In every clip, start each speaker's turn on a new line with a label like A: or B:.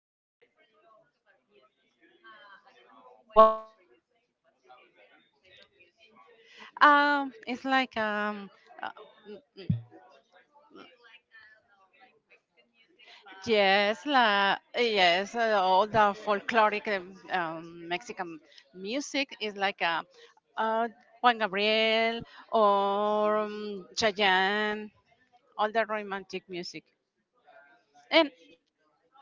A: I think we're going to talk about music. I have a question for you, Sochi. What's your favorite type of music?
B: It's like uh,
A: Do you like, I don't know, like Mexican music, pop,
B: yes,
A: rock,
B: la,
A: or
B: yes, all the folkloric Mexican music is like uh, Juan Gabriel or Chayanne, all the romantic music, and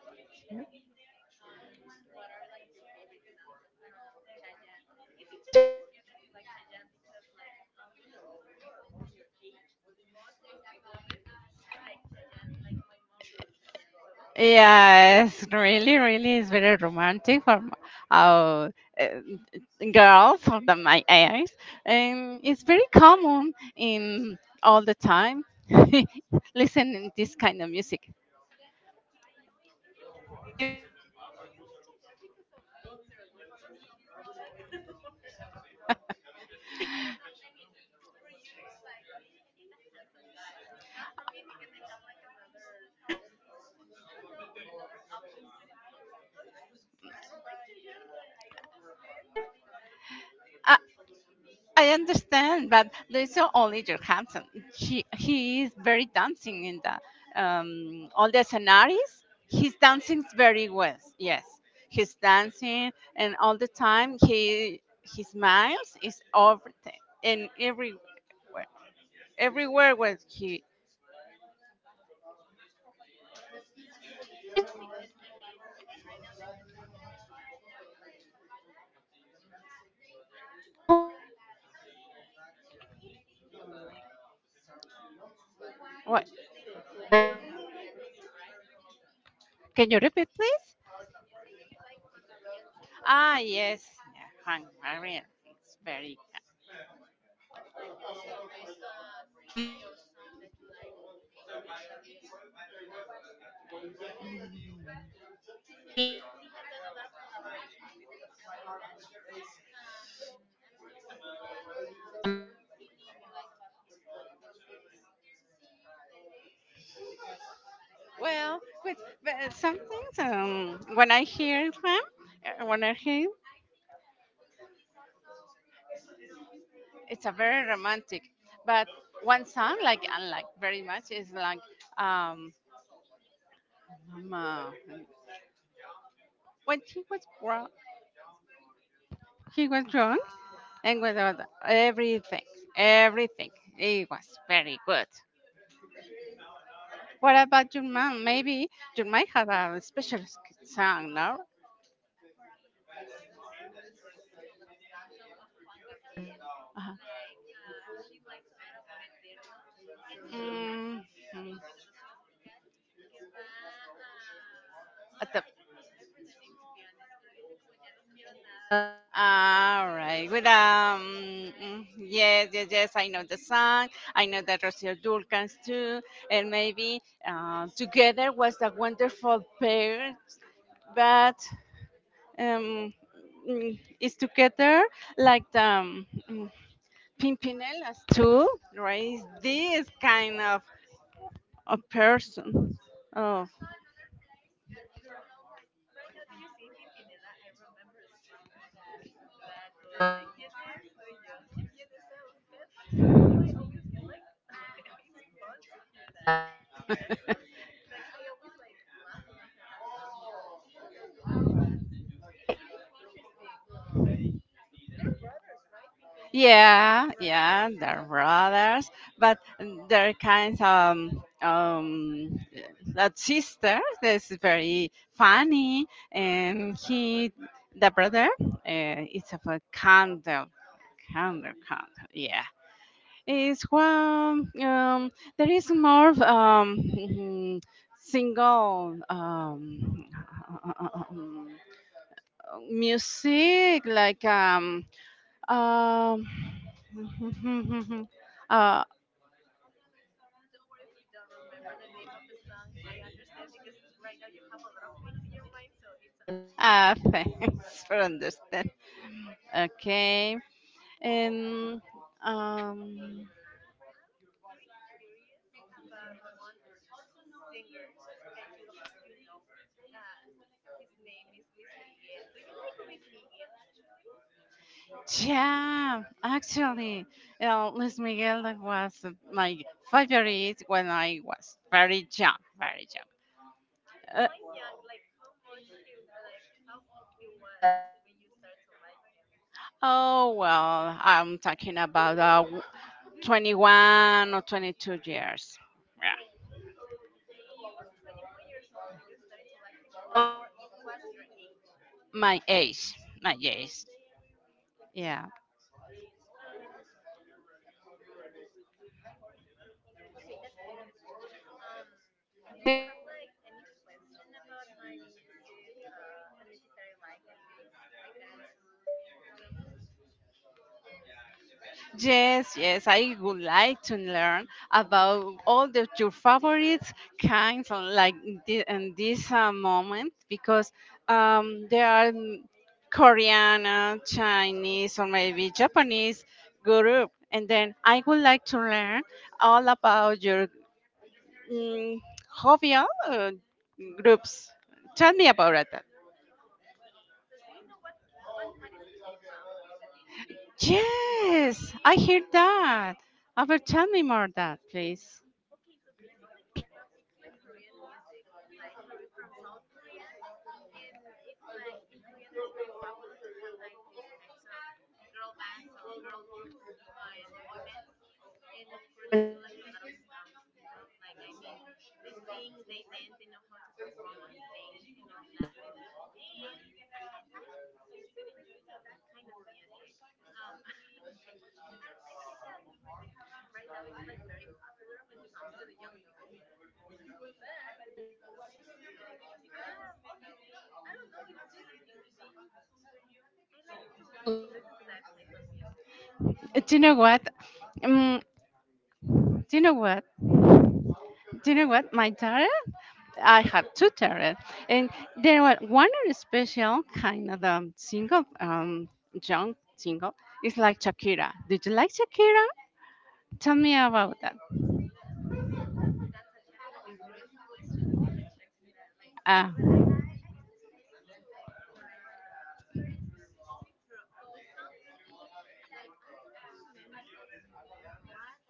A: okay, that's interesting. What are, like, your favorite songs of, I don't know, Chayanne? It's interesting to hear that you like Chayanne because, like, almost all the people from your age, mostly women, like Chayanne. Like, my mom loves Chayanne, so
B: yeah, it's really, really is very romantic for our uh, eh, girls of my age, and it's very common in all the time listening this kind of music.
A: okay, like, it's interesting for me because do you like Chayanne because of their looks or something like that? Or I don't know, like, I don't know. I mean, for you, like, maybe he's a handsome guy. Not for me because I have like another. I don't know, another options when it comes to looks. I don't like Jajan, but I understand. Do you
B: I,
A: think he's
B: I understand, but Luiso only Johansson. He is very dancing in the all the
A: he,
B: scenarios.
A: he's
B: His
A: a good
B: dancing very
A: dancer?
B: well. Yes, he's dancing, and all the time he smiles is everything and everywhere where he.
A: No, it's interesting because I mean, right now that you're talking about music and all of that, I don't know. It's like it it's interesting. Do you
B: What?
A: do you say that you like Juan Gabriel too, right?
B: Can you repeat, please?
A: You say that you like Juan Gabriel too, right?
B: Ah, yes, yeah, Hungarian. It's very
A: What's, like, your favorite CD or song that you like about Juan Gabriel? I mean, he has done a lot of collaborations with Rocío Durcal. I don't know what CD you like about him.
B: well. With, but some things, when I hear them, when I hear it's a very romantic. But one song like I like very much is like, um mama, when he was wrong, he was wrong and without everything, everything it was very good. What about your mom? Maybe you might have a special song, no?
A: Okay, so my mom listens to a lot of songs of Juan Gabriel.
B: Uh-huh.
A: Like, she likes a lot Amor Eterno. And she has
B: Mm.
A: a
B: Mm.
A: featuring with Rocío Durcal que va a...
B: At
A: Ah,
B: the
A: I don't remember the name, to be honest, pero dice como ya no quiero nada.
B: all
A: Do you know
B: right. With
A: what's that song, right?
B: yes, yes, yes. I know the song. I know that Rocio Dulcans too, and maybe together was a wonderful pair. But um, is together like the Pimpinelas too, right? This kind of a person. Oh,
A: Like, right now that you're singing Pimpinela, I remember a song that that goes like ¿Quién es? Soy yo. ¿Quién vienes a buscar? And I don't know why I always get like it's fun to hear that song. Like, I always like laugh when I hear that song, and I don't know why, but it is interesting. They're brothers, right? Pimpinela, they're
B: yeah, yeah,
A: brothers.
B: they're brothers, but they're kind of that sister that's very funny, and he, the brother, it's of a candle, candle. Yeah, it's one. There is more of, single music like um, uh,
A: Don't worry if you don't remember the name of the song. I understand because right now you have a lot of things in your mind, so it's I understand.
B: thanks for understanding. Okay. And
A: Okay,
B: um,
A: I'm very curious about one singer that you you know. Uh, his name is Luis Miguel. Do you like Luis Miguel, actually?
B: yeah, actually, Luis Miguel was my favorite when I was very young, very
A: At the
B: young.
A: point young, like how much he like how old he was when you started to like him?
B: Oh, well, I'm talking about 21 or 22 years. Yeah,
A: He was 21 years old when you started to like him, or it was your age?
B: my age, my age. Yeah.
A: Okay, that's interesting. Do you have like any question about my music, the music that I like or things like that? I don't know.
B: Yes, yes, I would like to learn about all the your favorite kinds of like in this moment because there are Korean, Chinese, or maybe Japanese group, and then I would like to learn all about your mm, hobby groups. Tell me about that.
A: Okay, so do you know what what is K-pop?
B: Yes, I hear that. Ever tell me more that, please.
A: Okay, so basically K-pop, it's like Korean music, like Korea from South Korea, and it's like in Korea there's very popular to have like these types of girl bands or girl groups and boy bands, and of course they do like a lot of stuff, you know, like I mean they sing, they dance, they know how to perform on stage and all of that, and I tend to listen to that kind of music. I think that right now it's like very popular when it comes to the young people but I I don't know. It's just I like to listen to that type of music.
B: Do you know what? Um, do you know what? Do you know what? My tarot. I have two tarot, and there were one are special kind of single, young single. It's like Shakira. Did you like Shakira? Tell me about that.
A: Ooh, that's a that's like a great question. I like Shakira, like,
B: Ah,
A: but I tend to listen to like the um, all her other songs. Like, I don't remember what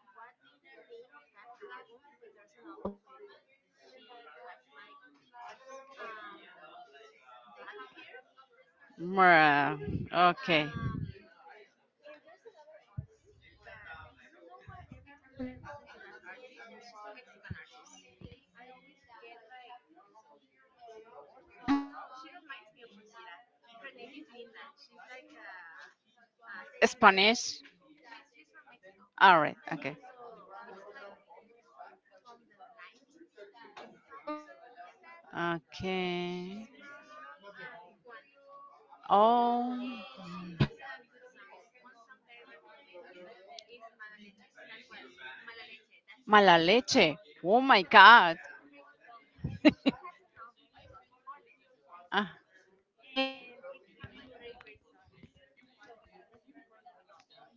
A: what's the name of that album, but there's an album when she has like um black hair.
B: okay.
A: Um, And there's another artist that I don't know why every time that I listen to that artist, she's a Mexican artist. I always get like, I don't know, she reminds me of Shakira. Her name is Linda. She's like a singer.
B: Spanish.
A: She's from Mexico.
B: All right. Okay.
A: So it's like from the 90s, something like that.
B: Okay.
A: She's from Tijuana.
B: Oh,
A: And she has good songs. One song that I recommend you is Mala Leche, tal cual. Mala Leche, that's the
B: mala
A: name.
B: leche. Oh my
A: It's a very
B: God.
A: it's a very good song, and she has an album called Pollen, and it has like very great songs. So I recommend you that album.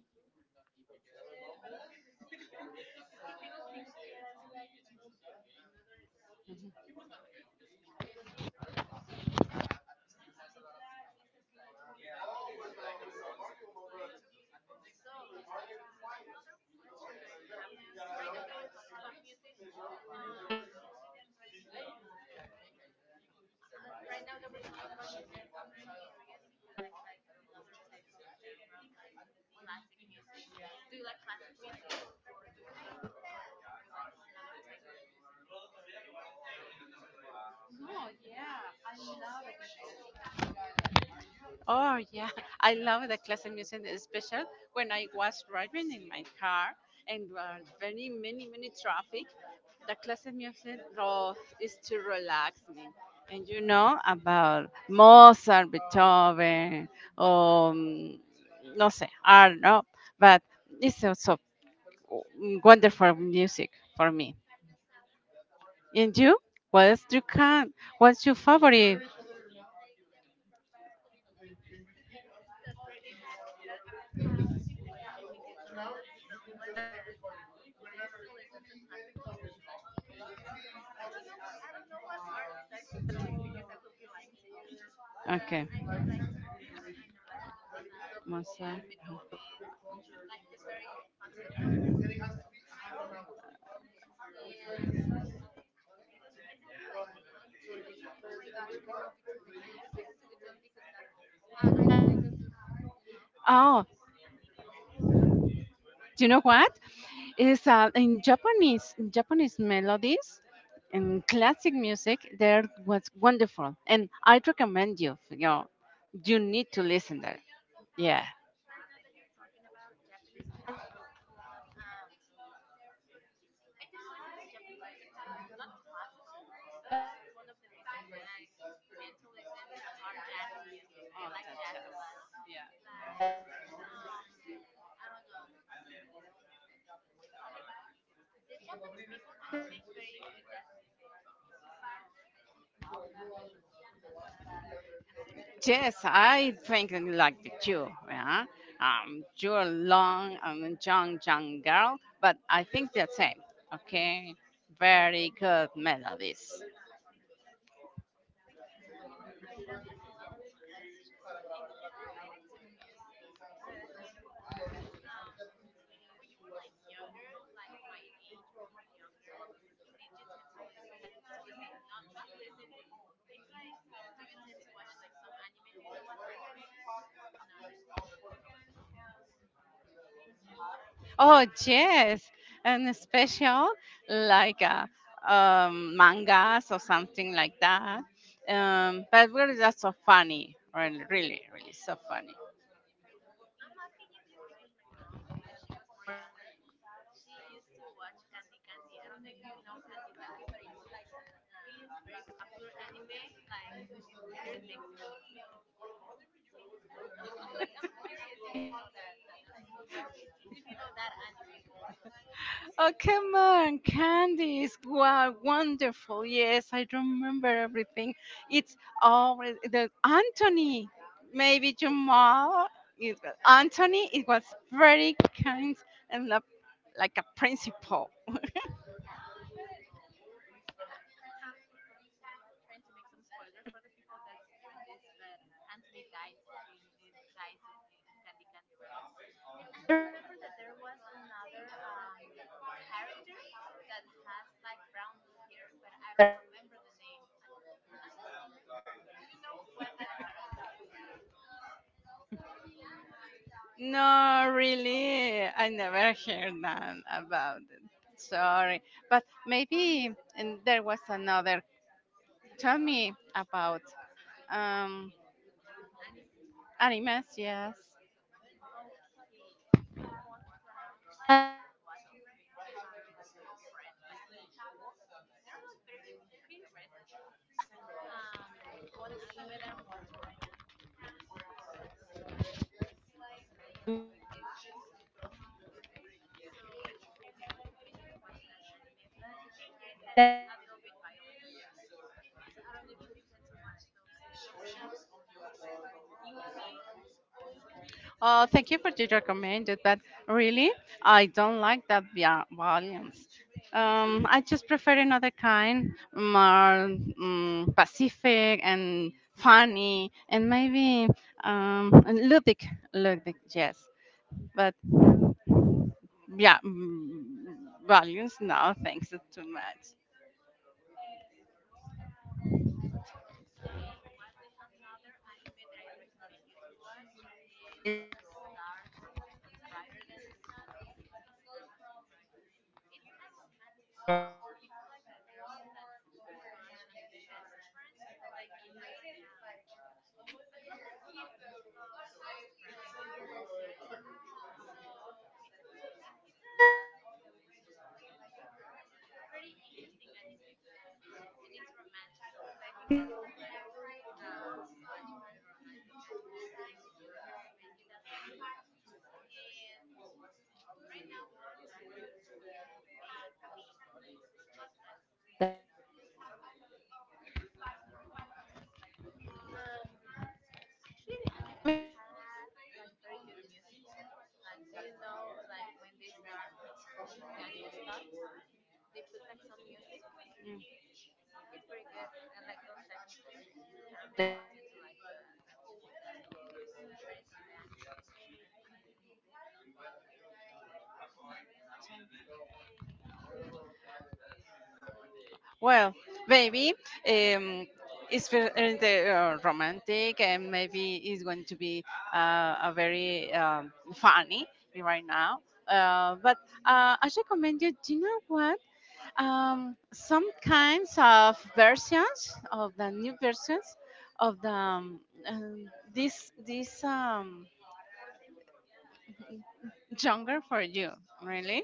A: So, what other question do I have to you? Right now that we're talking about music, um, right now that we're talking about music, I'm very curious if you like another type of genre, like classic music. Do you like classic music, or do you, don't you, or you like another type of music?
B: Oh yeah, I love the classical music, especially when I was driving in my car and were very many many traffic. The classical music is to relax me. And you know about Mozart, Beethoven, um, no sé, I don't know, but it's also wonderful music for me. And you? What's your can? What's your favorite?
A: That's very interest. That's a very interesting question because I'm not someone that tends to listen to classical music. I don't know. I don't know what artist I should tell you because I will be lying to you. But
B: Okay,
A: I know like I know like Mozart and
B: Mozart.
A: Beethoven, like the very popular ones, kind of. And I mean, I will be like lying to you if I told you, oh my gosh, I love Beethoven. I always listen to Beethoven because that I I don't do that, you know.
B: Oh, do you know what? Is in Japanese melodies and classic music. There was wonderful, and I recommend you. You know, you need to listen there. Yeah.
A: Right now that you're talking about Japanese music, one I tend to listen to Japanese music too, not classical, but one of the musics that I tend to listen are jazz music. I like jazz a lot. Like, um, I don't know, like the Japanese people tend to make very good jazz music. So,
B: Yes, I think I like you. Yeah. You're long and young, young girl, but I think the same. Okay. Very good melodies.
A: so I got like another question. It's related to music, but when you were like younger, like my age or more younger, did you tend to listen to listen? Not listen. It's like, do you tend to watch like some anime? Do you know what anime is or not?
B: Oh yes, and special like mangas or something like that. But really, that's so funny. Really, really, really so funny.
A: I'm asking you this because my mom, when she was more younger, she used to watch Candy Candy. I don't know if you know Candy Candy, but it's like an very popular anime, like in here in Mexico. So so I don't know. Like, I'm curious if you know that that type of if you know that anime.
B: Oh come on, Candice! Wow, wonderful. Yes, I remember everything. It's always the Anthony. Maybe Jamal. It, Anthony. It was very kind and like a principal.
A: I'm not trying to make some spoilers for the people that's hearing this, but Anthony dies in dies in Candy Candy Ride, and I remember that there was another character that has like brown hair, but I don't remember the name. I don't remember. Do you know what that character was?
B: No, really, I never heard that about it. Sorry, but maybe and there was another. Tell me about um animes. Yes.
A: Okay, the ones that I'm like watching right now aren't like old. They're like very pretty recent. One anime that I'm watching right now, yeah, the name of is Jujutsu Kaisen. So I recommend you to watch that anime. But the thing here is that it's a little bit violent. So I don't know if you tend to watch those type of stuff, but
B: Oh, thank you for the recommended, but really, I don't like that violence. I just prefer another kind, more pacific and funny, and maybe and ludic, yes. But yeah, values. No, thanks, it's too much.
A: okay, what another anime that I recommend you to watch is A Star Brighter Than the Sun. It's on Amazon Prime. It's a romantic one. It's like a girl that has a crush on his best friend. Like, he has like a girl that's in love with of his best friend, right? So it's a very in, it's a pretty interesting anime, and it's romantic. So I think that you will like to watch very romantic animes. So I recommend you that one. And right now, going back to the main theme of this podcast, that it's the music. Um, actually, the animes had like very good music. Like, do you know like when they start, when the anime starts, they put like some music. It's very good. I like those type of music. I don't know if you tend to like the music that that it's on the anime.
B: Well, maybe um, it's the, romantic, and maybe it's going to be a very funny right now. But I recommend you. Do you know what? Some kinds of versions of the new versions of the this genre for you. Really,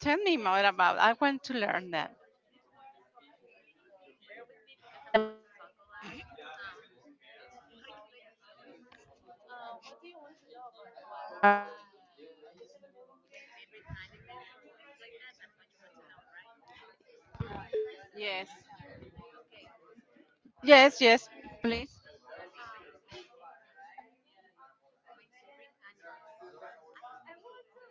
B: tell me more about. I want to learn that.
A: Okay, so bear with me because I'm going to talk a lot. Um, what can I tell you? What do you want to know about? What are my my favorite animes or things like that? That's what you want to know, right?
B: Yes,
A: Okay.
B: yes, yes, please.
A: Okay. My favorite animes. I would like to.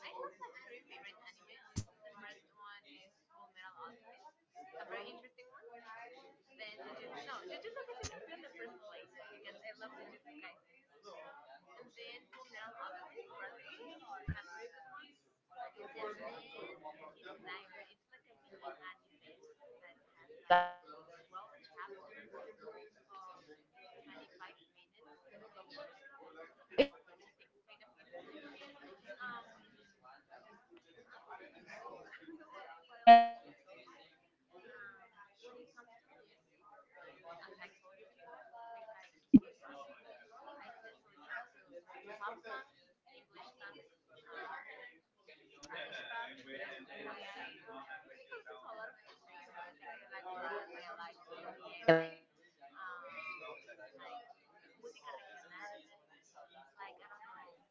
A: I have like three favorite animes. The first one is Full Metal Alchemist, a very interesting one. Then Jujutsu. No, Jujutsu Kaisen will be on the first place because I love Jujutsu Kaisen. And then Full Metal Alchemist Brotherhood, a very good one. And then Kissen. It's like a mini anime that has like 12 chapters of 25 minutes each. So it's interesting, kind of interesting. Um, I don't know. I don't know what else I should tell you. When it comes to music, as I told you before, I like K-pop. I tend to listen to pop songs, English songs, Spanish pop. I, I I tend to listen to a lot of types of music. I like rock. I like indie. I like um, like música regional. Like I don't know,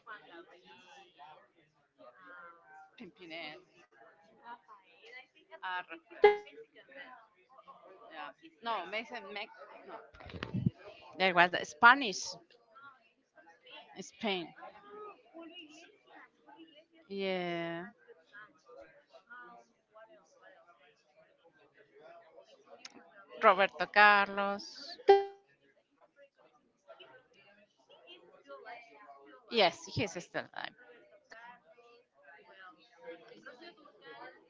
A: Juan Gabriel, um,
B: Pimpinés,
A: Rafael. I think but he's not
B: arrastras.
A: Mexican, but or or
B: Yeah.
A: is he
B: No,
A: Mexican?
B: Mexican, no. There was the Spanish.
A: Oh, he's from Spain.
B: Spain.
A: Oh, Julio Iglesias. Julio Iglesias is it
B: Yeah,
A: has good songs. What else? What else? What else? What else? I told you Juan Gabriel,
B: Roberto
A: Luis Miguel,
B: Carlos.
A: Roberto Carlos. He's a very good singer. He is still alive. He's still alive.
B: Yes, he's
A: Okay,
B: still
A: Roberto Carlos. Who else? Rocío Durcal.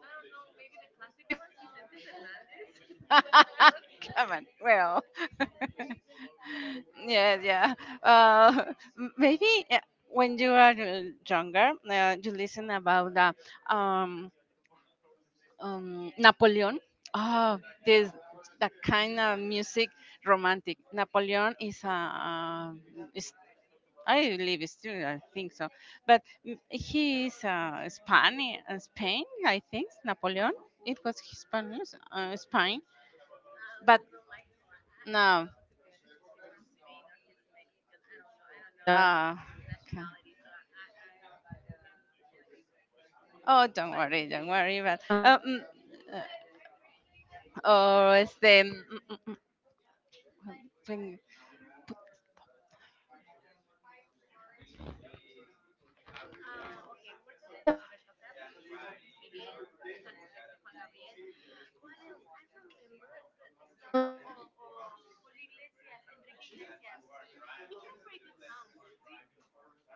A: I don't know. Maybe the classic ones. Vicente Fernandez.
B: alive.
A: I don't
B: Come
A: know.
B: on,
A: Maybe
B: well,
A: Vicente Fernandez.
B: yeah, yeah. Maybe when you are younger, you listen about that. Napoleon. Oh, this that kind of music, romantic. Napoleon is is, I believe it's still, I think so, but he is Spanish, Spain, I think. Napoleon. It was Spanish, Spain,
A: I
B: but
A: will not like to like. I don't
B: no.
A: know to be honest if he's from Spain or he's Mexican. I don't know. I don't know like
B: Uh,
A: his
B: ca-
A: nationality. So I wouldn't like
B: oh, don't
A: lie to
B: worry, don't
A: you.
B: worry. But
A: So
B: uh, oh, este, mm, mm, tengo-
A: Okay, we were talking about Roberto Carlos, Luis Miguel, este Juan Gabriel. What else? I remember the son of Julio Iglesias, Enrique Iglesias. He has very good songs. Do you,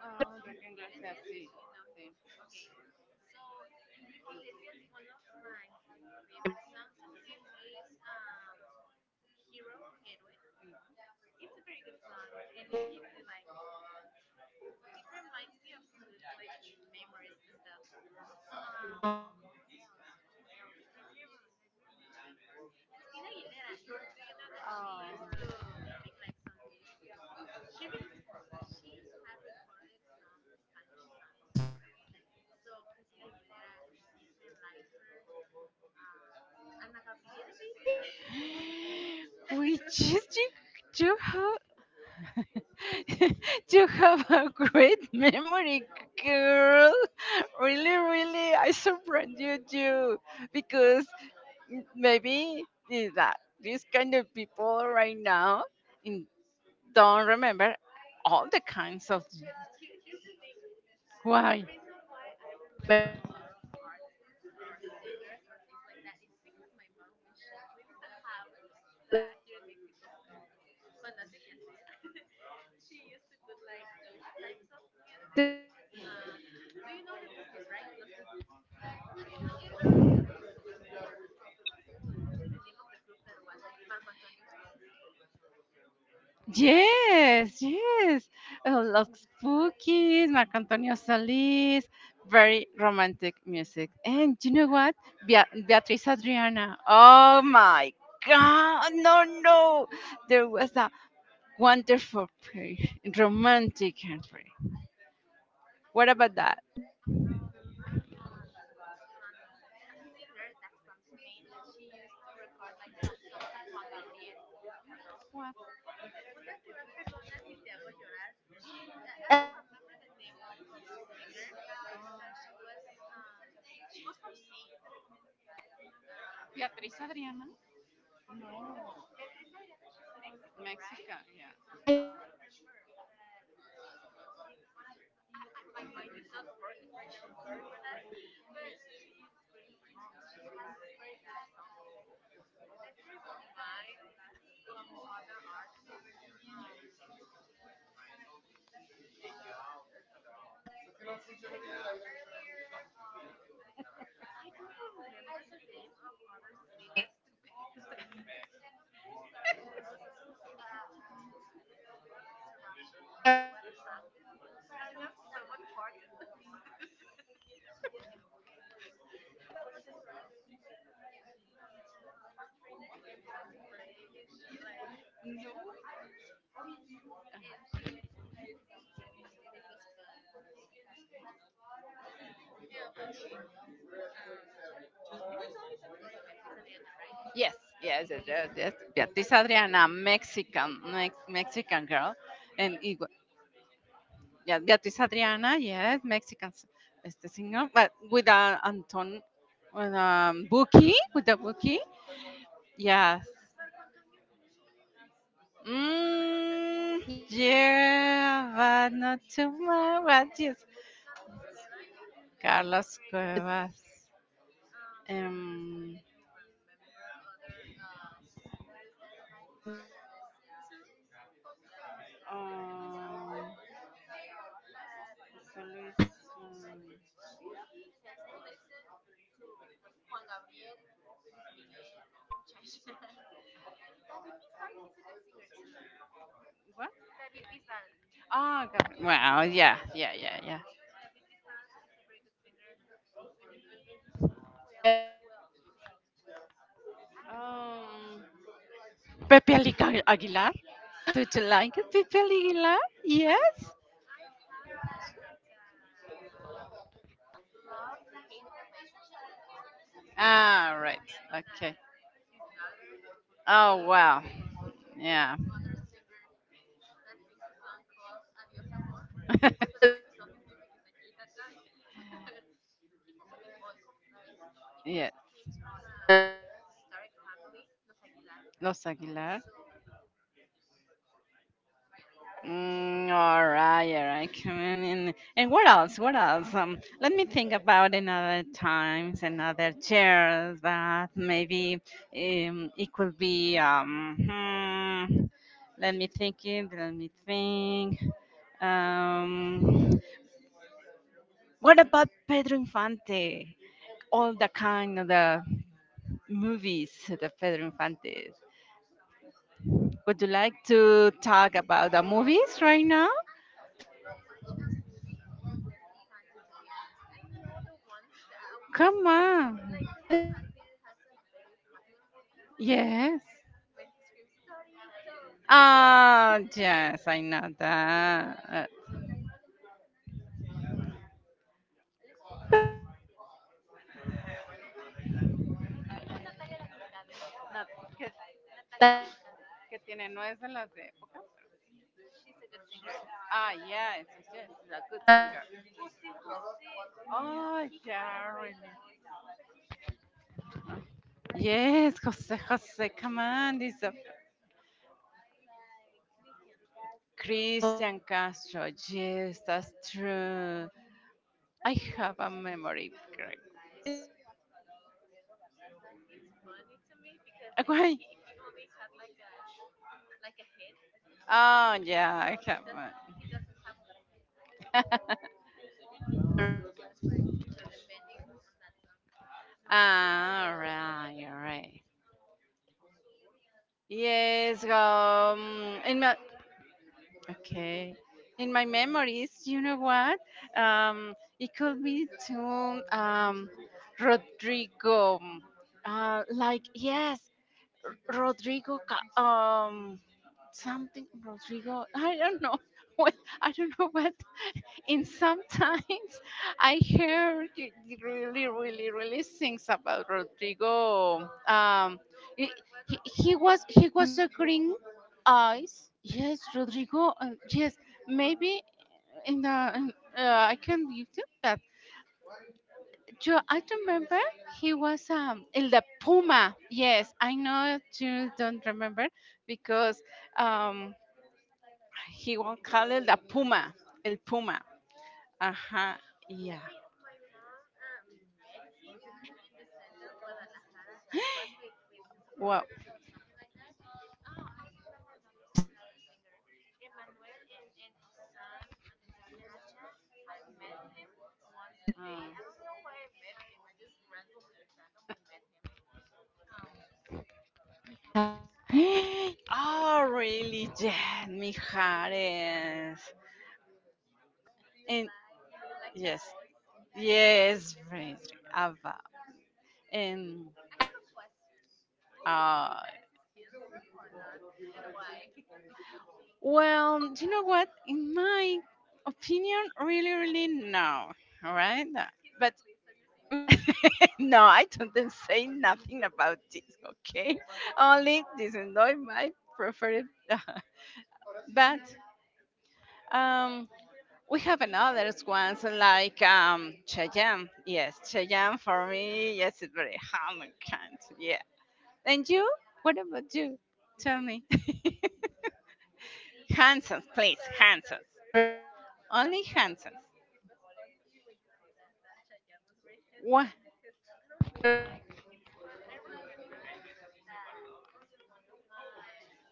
A: you
B: Ah,
A: don't know Enrique Iglesias or you know him? Okay. So Enrique Iglesias, one of my favorite songs of him is Hero, Héroe. It's a very good song and it gives me like it reminds me of good like memories and stuff. Who else? Who else? Let me let me remember. Christina Aguilera, do you know that she used to make like some she rec- she had recorded some Spanish songs. So Christina Aguilera, I like her. Ana Gabriel, maybe.
B: we just you, you have you have a great memory, girl. Really, really, I surprised you because maybe these that these kind of people right now in- don't remember all the kinds of
A: But here's the thing. The
B: why.
A: reason why I remember a lot of artists or singers or things like that, it's because my mom, when she cleans the house, here in Mexico, is called cuando hace que hacer. She used to put like those types of music. Uh, do you know the bookies, right? Los bookies. No, it was the bookies, or I don't remember the name of the group that was it's Marco Antonio Solis.
B: Yes, yes. I love spookies, Marc Antonio Solís, very romantic music. And you know what? Beatriz Adriana. Oh my God, no, no. There was a wonderful pair, romantic Henry. What about that?
A: I remember an a singer that's from Spain that she used to record like some songs of Juan Gabriel. Una que va, perdona si te hago llorar. I don't remember the name of the singer, but she was from Spain. I don't remember. N- no, Beatriz Adriana, she's Mexican, right? I don't remember, but oh my gosh, my mind is not working right now. Sorry for that. But she has great songs. She has very good songs. Let me remind of other artists. I don't remember. Oh, okay, okay, okay. I don't remember the name of other singers to be honest. Sorry, there was a little bit of interruption. I don't know what happened. I don't know if someone farted. That was so random, to be honest. So our trainer came with a spray, and she did something, and it was fun. Yeah, but okay. Um, you were telling me something about Beatriz Adriana, right?
B: Yes, yes, yes, yes, yes.
A: Why
B: Beatriz
A: did you?
B: Adriana, Mexican, Mexican girl, and it, yeah, Beatriz Adriana, yes, Mexican este singer, but with a Anton, with a Buki, yes.
A: Marco Antonio Muñiz. Marco Antonio
B: Mm,
A: Muñiz. Do you know
B: yeah,
A: him,
B: but
A: right?
B: not too much. But yes,
A: Carlos Cuevas, he's a
B: Carlos
A: very good
B: Cuevas.
A: singer.
B: Um,
A: Let me remember other singers that my mom listened to. Oh my god, my memory's not
B: um,
A: working right now. But
B: Luis,
A: I don't know, like she tends to listen to Juan Gabriel, Luis Miguel, Chayanne. David Bisbal, he's a good singer too.
B: what?
A: David Bisbal,
B: Ah,
A: you don't know
B: well,
A: him?
B: yeah, yeah, yeah, yeah.
A: David Bisbal, he's a very good singer. And who else? Who else? Who else? Who else? I don't know.
B: Um, Pepe Aguilar. Aguilar. Don't you like Pepe Aguilar?
A: I
B: Yes.
A: I have a like a love hate relationship with him. You know, for
B: Ah,
A: the
B: right.
A: scandal
B: Okay.
A: that his daughter
B: Oh,
A: made
B: wow.
A: with
B: Yeah.
A: other singer that sings a song called Adios Amor. We're not going to tell his name because I hate that guy, but he has a good voice. Like because
B: Yeah.
A: he comes from a historic family, Los Aguilar.
B: Los Aguilar.
A: So, yeah.
B: Mm, all right, all right. Come on in. And what else? What else? Let me think about another times, another chairs that maybe it could be. Let me think it. Let me think. Um, what about Pedro Infante? All the kind of the movies de Pedro Infante. Would you like to talk about the movies right now?
A: I have never watched a movie from Pedro Infante, to be honest. I know the ones that,
B: Come on.
A: like Pedro Infante, has a very popular movie when
B: Yes.
A: he screams "Torito,"
B: Ah,
A: but I don't
B: yes, I
A: remember.
B: know
A: Okay,
B: that.
A: Alejandro Fernandez. Alejandro Fernandez, he's a good singer. Alejandro Fernandez, he's a good singer. Do you know Natalia Lafourcade?
B: Not- Que,
A: Natalia Lafourcade.
B: tiene no es de las de épocas.
A: She's a good singer.
B: Ah,
A: She's a good
B: yes,
A: singer.
B: yes, he's a good singer.
A: Jose Jose,
B: Oh,
A: he had a
B: yeah, really.
A: great voice.
B: Yes, Jose, Jose, come on, this a
A: Like Cristian
B: Christian
A: Castro.
B: Castro. Yes,
A: Who
B: that's
A: else?
B: true.
A: Yuri.
B: I
A: Right now that
B: have
A: I'm
B: a
A: watching,
B: memory. Correct.
A: right now that I'm watching the name of Pedro Barraza, it's funny to me because I think
B: Why?
A: he only had like a hit.
B: Oh yeah, I
A: So
B: can't.
A: he doesn't have a lot of hits. So all of his career was like depending on that song of.
B: Ah, all
A: So
B: right, all right. Yes, in my okay, in my memories, you know what? It could be to Rodrigo. Like yes, Rodrigo. Something Rodrigo. I don't know. What, I don't know what. In sometimes I hear really, really, really things about Rodrigo.
A: I don't know
B: He,
A: what
B: he,
A: Rodrigo
B: he
A: you
B: was he
A: mean.
B: was a green eyes. Yes, Rodrigo. Yes, maybe in the I can YouTube, but Joe, I remember he was in the Puma. Yes, I know you don't remember because um he won't call it the puma, el puma.
A: So I was like,
B: Ajá,
A: oh,
B: yeah.
A: wait, my mom met him in the center of Guadalajara. She was with his
B: Wow.
A: girlfriend or something like that. Ah, I remember another singer, Emmanuel and his son, Alexander Acha. I met him one day. I don't know why I met him. I just randomly met him. Um, Mijares.
B: Oh, really? Yeah,
A: Mijares.
B: Mijares.
A: Do you
B: And
A: like his
B: yes,
A: voice?
B: yes, Frederick, Abba. And
A: I have a question. Do you think
B: uh,
A: Mijares is handsome or not? And why?
B: well, you know what? In my opinion, really, really no. All
A: he's
B: right, no.
A: he's
B: But
A: ugly, so you're saying he's ugly.
B: no, I don't say nothing about this. Okay, only this is not my preferred. But um, we have another ones like Cheyenne. Yes, Cheyenne for me. Yes, it's very handsome. Yeah. And you? What about you? Tell me. Handsome, please.
A: Sorry,
B: Handsome.
A: sorry, sorry for my laugh,
B: Only
A: but
B: handsome.
A: it was fun to me when you say that that Chayanne was very
B: What?
A: handsome because I don't know, like it's fun. I remember that one of my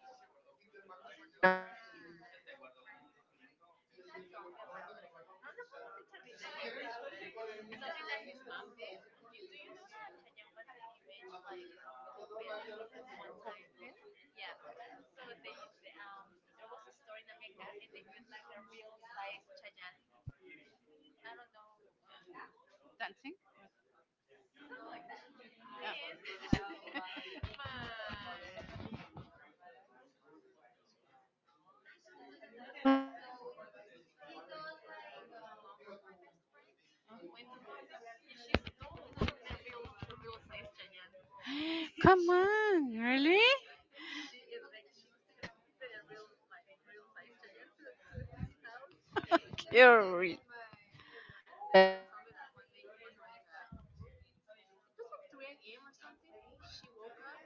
A: mm, one of my friends she told me about I don't know how to say charrita in English, but something that his mom did. You, do you know that Chayanne was the image like of Coppel one time? Yeah. So they, the there was a store in Ameca and they put like a real size Chayanne. I don't know
B: Dancing?
A: something like that, and my I don't remember what happened to be honest, but the mom of my best friend went to Coppel and she stole the real size Chayanne, and
B: Come
A: she
B: on, really?
A: and she and like she took the real like real size Chayanne to his house. And my
B: You're
A: and,
B: re-
A: and my and my best friend told me that one day it was like 3 a.m. or something. She woke up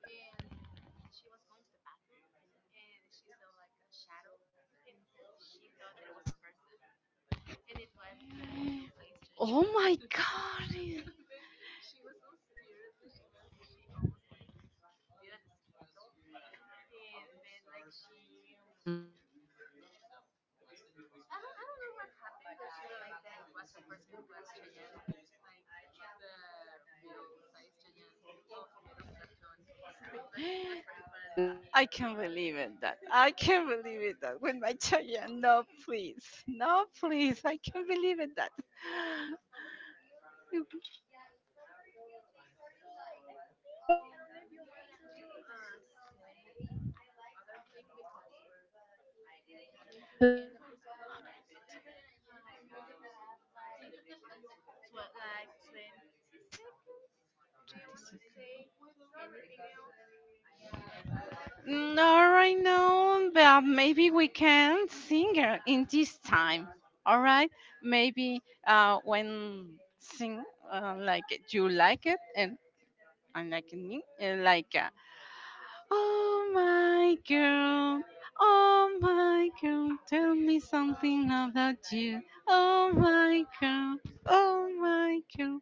A: and she was going to the bathroom and she saw like a shadow and she thought that it was a person and it was a real size judge
B: Oh my
A: and
B: god.
A: then she was so scared that she almost like did an scandal and then like she I don't know what happened, but she realized that it was Chayanne, like the real size Chayanne of made of carton. So it was very fun.
B: I can't believe it that with my children. No, please, no, please. I can't believe it that.
A: So I think I don't know if you want to say other thing because we're coming to the end of this podcast. We only have like 20 seconds. Do you want to say anything else?
B: Not right now, but maybe we can sing her in this time. All right, maybe when sing like you like it and I like me and like oh my girl, oh my girl, tell me something about you. Oh my girl, oh my girl,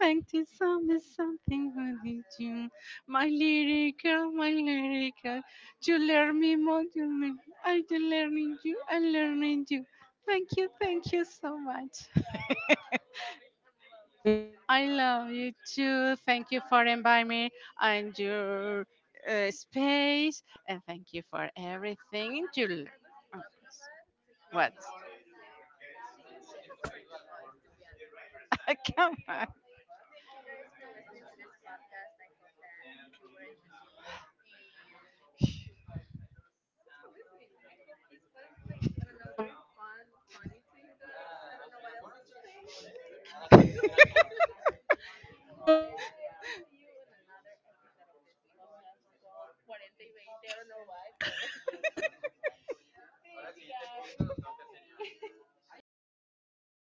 B: thank you so much something about you. My little girl, you learn me more, you learn me. I learning you, I learning you. Thank you, thank you so much.
A: Guys, I'm loving this
B: I
A: so
B: love you
A: much.
B: too. Thank you
A: I'm
B: for inviting me
A: loving.
B: and your space, and thank you for
A: I,
B: everything.
A: I was loving a lot to hear
B: What?
A: Sochil sing. She has a very good voice to be honest. So
B: Come
A: okay,
B: on.
A: thank you guys for listening to this podcast. I hope that you were entertained and thanks for listening. I hope this was like I don't know very fun funny to you guys. I don't know what else to say. Thank. So bye. We see you on another episode of this podcast called Cuarenta y Veinte. I don't know why, but thank you guys. Bye.